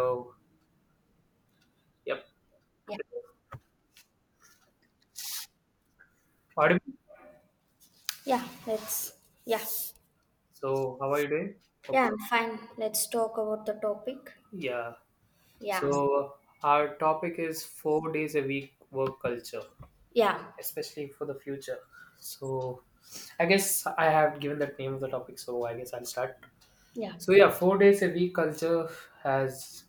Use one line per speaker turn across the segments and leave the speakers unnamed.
So, yep,
Yeah,
audible.
yeah, let's, yeah,
So, how are you doing?
yeah,
Okay.
I'm fine. Let's talk about the topic.
Yeah.
Yeah,
So, our topic is 4 days a week work culture,
yeah,
especially for the future. So, I guess I have given that name of the topic, so I guess I'll start.
yeah,
So, yeah, 4 days a week culture has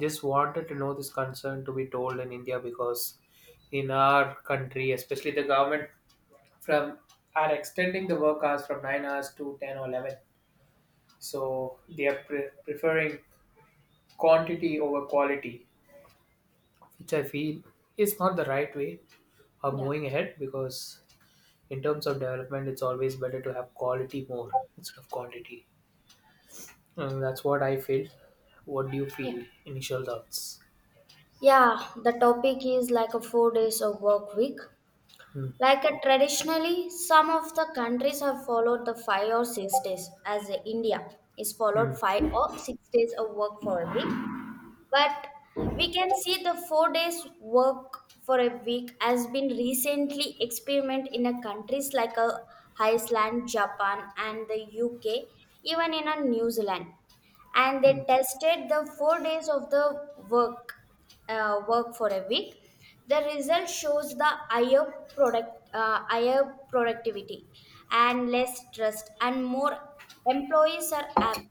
just wanted to know this concern to be told in India because in our country, especially the government, from are extending the work hours from 9 hours to 10 or 11. So they are preferring quantity over quality, which I feel is not the right way of
yeah,
moving ahead because, in terms of development, it's always better to have quality more instead of quantity. And that's what I feel. What do you
yeah.
feel? Initial thoughts.
Yeah, the topic is like a 4 days of work week.
Hmm.
Like a traditionally, some of the countries have followed the 5 or 6 days, as India is
Hmm.
followed 5 or 6 days of work for a week. But we can see the 4 days work for a week has been recently experimented in a countries like a Iceland, Japan, and the UK, even in a New Zealand. And
Hmm.
they tested the 4 days of the work for a week. The result shows the higher product higher productivity and less stress, and more employees are happy.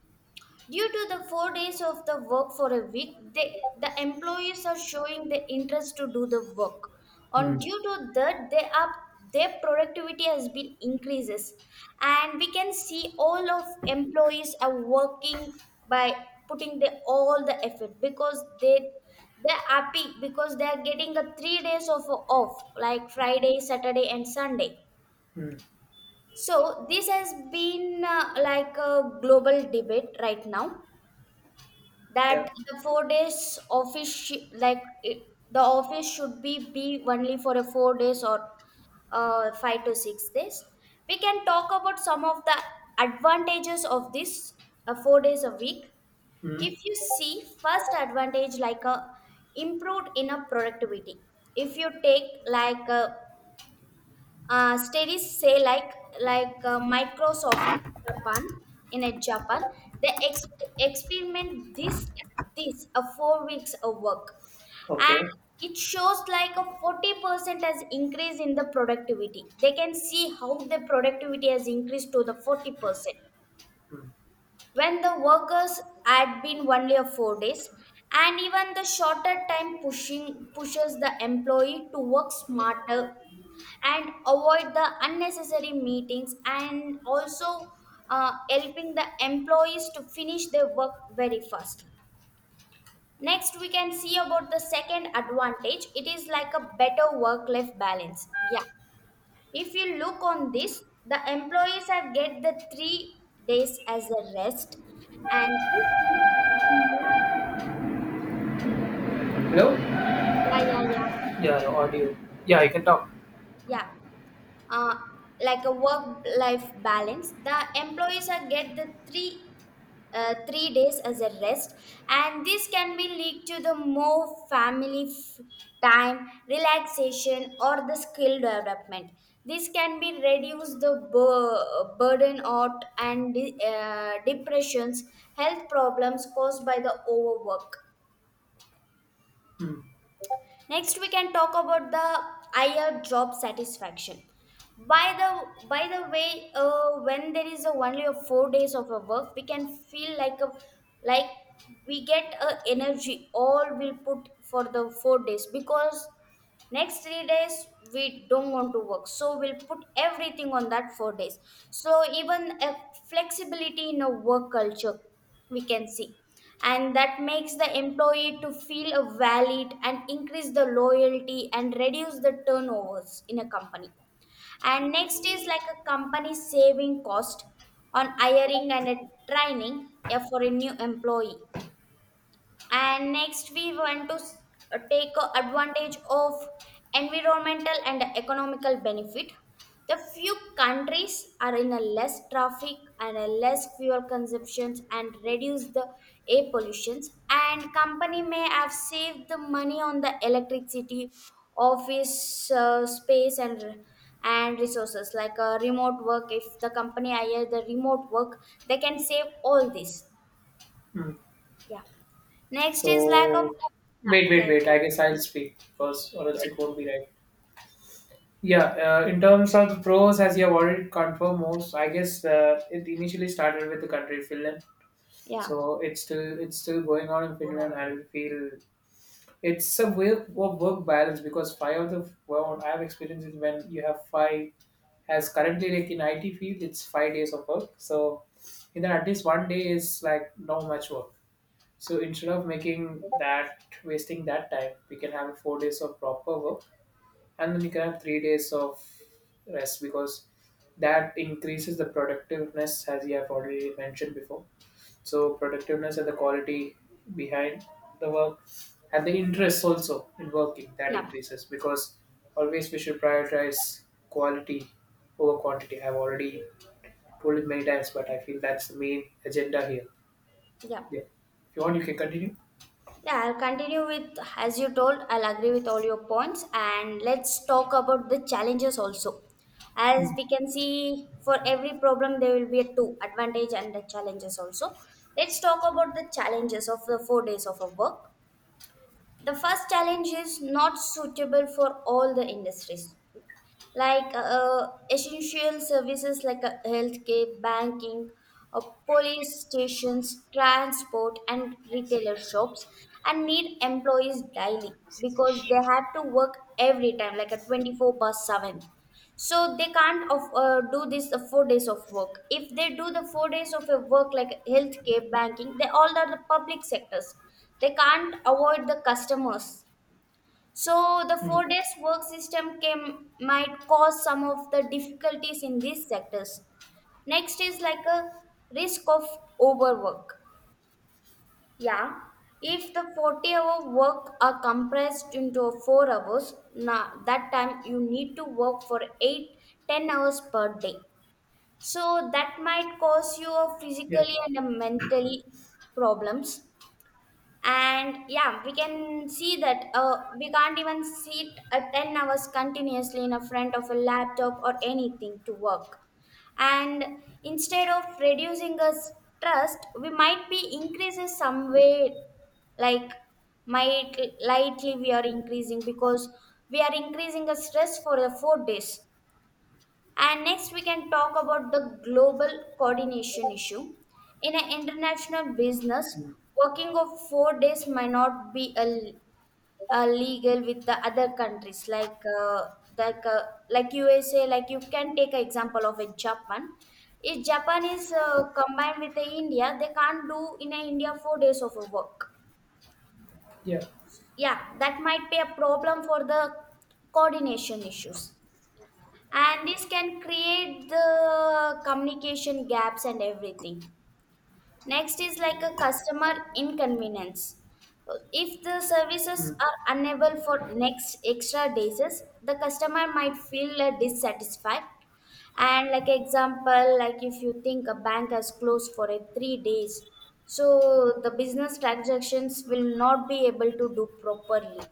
Due to the 4 days of the work for a week, the employees are showing the interest to do the work. On
Hmm.
due to that, they are their productivity has been increases, and we can see all of employees are working by putting the all the effort because they're happy because they are getting a 3 days of off like Friday, Saturday, and Sunday.
Hmm.
So this has been like a global debate right now
Yeah.
that the 4 days like it, the office should be only for a 4 days or 5 to 6 days. We can talk about some of the advantages of this 4 days a week.
Hmm.
If you see first advantage like a improved in a productivity, if you take like a studies say like Microsoft Japan, in a Japan they experiment this a 4 weeks of work,
Okay.
and it shows like a 40% has increase in the productivity. They can see how the productivity has increased to the 40%
Hmm.
when the workers had been only of 4 days, and even the shorter time pushing pushes the employee to work smarter and avoid the unnecessary meetings, and also helping the employees to finish their work very fast. Next, we can see about the second advantage. It is like a better work life balance, yeah. If you look on this, the employees are get the 3 days as a rest, and this leads to the more.
Hello?
Yeah, yeah, yeah,
Yeah, your audio. Yeah, you can talk.
yeah. uh, like a work life balance, the employees are get the three days as a rest, and this can be lead to the more family time relaxation or the skill development. This can be reduce the burden out and depressions, health problems caused by the overwork.
Hmm.
Next, we can talk about the higher job satisfaction. By the way, when there is a only a 4 days of a work, we can feel like we get a energy all we'll put for the 4 days because next 3 days we don't want to work, so we'll put everything on that 4 days. So even a flexibility in a work culture we can see, and that makes the employee to feel a valid and increase the loyalty and reduce the turnovers in a company. And next is like a company saving cost on hiring and a training for a new employee. And next we want to take advantage of environmental and economical benefit. The few countries are in a less traffic and a less fuel consumptions and reduce the air pollutions, and company may have saved the money on the electricity office space, and resources like remote work. If the company hire the remote work, they can save all this.
Hmm.
Yeah. Next is lack of.
So, wait,
Yeah,
wait,
yeah, you
wait,
can.
I guess I'll speak first, or
Yeah,
else it won't be right. Yeah, in terms of the pros, as you have already confirmed most, I guess it initially started with the country Finland,
yeah,
so it's still going on in Finland, and I feel it's a way of work balance because five of the what I have experienced is when you have five, as currently like in IT field, it's 5 days of work. So in that at least one day is like not much work. So instead of making that wasting that time, we can have 4 days of proper work, and then we can have 3 days of rest, because that increases the productiveness as you have already mentioned before. So productiveness and the quality behind the work, and the interest also in working, that
yeah,
increases, because always we should prioritize quality over quantity. I've already told it many times, but I feel that's the main agenda here.
yeah.
Yeah, if you want you can continue.
Yeah, I'll continue with, as you told, I'll agree with all your points. And let's talk about the challenges also. As
Mm,
we can see, for every problem, there will be a two advantage and the challenges also. Let's talk about the challenges of the 4 days of a work. The first challenge is not suitable for all the industries, like essential services like healthcare, banking, uh, police stations, transport, and retailer shops, and need employees daily because they have to work every time, like a 24 per 7. So they can't of, do this 4 days of work. If they do the 4 days of a work like healthcare, banking, they all are the public sectors. They can't avoid the customers, so the
mm,
4 days work system can might cause some of the difficulties in these sectors. Next is like a risk of overwork. Yeah, if the 40-hour work are compressed into 4 hours, now that time you need to work for 8, 10 hours per day. So that might cause you a
yeah,
physically and a mentally problems. And yeah, we can see that we can't even sit 10 hours continuously in a front of a laptop or anything to work, and instead of reducing our stress we might be increases some way, like might lightly we are increasing because we are increasing the stress for the 4 days. And next, we can talk about the global coordination issue. In an international business,
mm,
working of 4 days might not be a legal with the other countries like uh, like USA. Like you can take an example of a Japan. If Japan is combined with the India, they can't do in a India 4 days of a work.
yeah,
Yeah, that might be a problem for the coordination issues, and this can create the communication gaps and everything. Next is like a customer inconvenience. If the services
mm,
are unable for next extra days, the customer might feel dissatisfied. And like example like if you think a bank has closed for a 3 days, so the business transactions will not be able to do properly.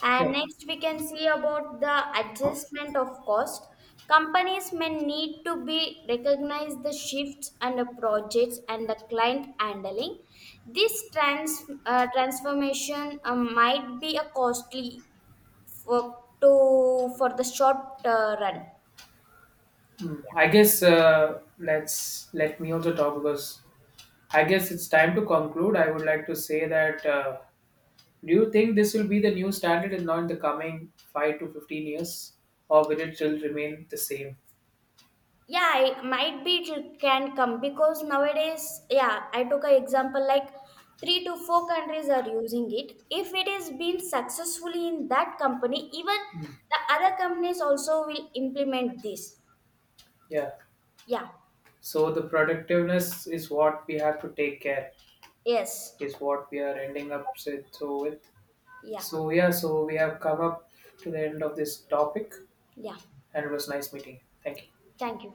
And
yeah,
next, we can see about the adjustment of cost. Companies may need to be recognize the shifts and the projects and the client handling. This transformation might be a costly for for the short run.
mm. I guess, let's let me also talk because I guess it's time to conclude. I would like to say that, do you think this will be the new standard in now in the coming 5 to 15 years, or will it still remain the same?
Yeah, I, might be it can come because nowadays, yeah, I took an example like 3 to 4 countries are using it. If it is been successfully in that company, even
Mm.
the other companies also will implement this.
Yeah.
Yeah.
So the productiveness is what we have to take care,
Yes.
is what we are ending up with. So with,
Yeah.
so yeah, so we have come up to the end of this topic,
Yeah,
and it was nice meeting. You. Thank you.
thank you.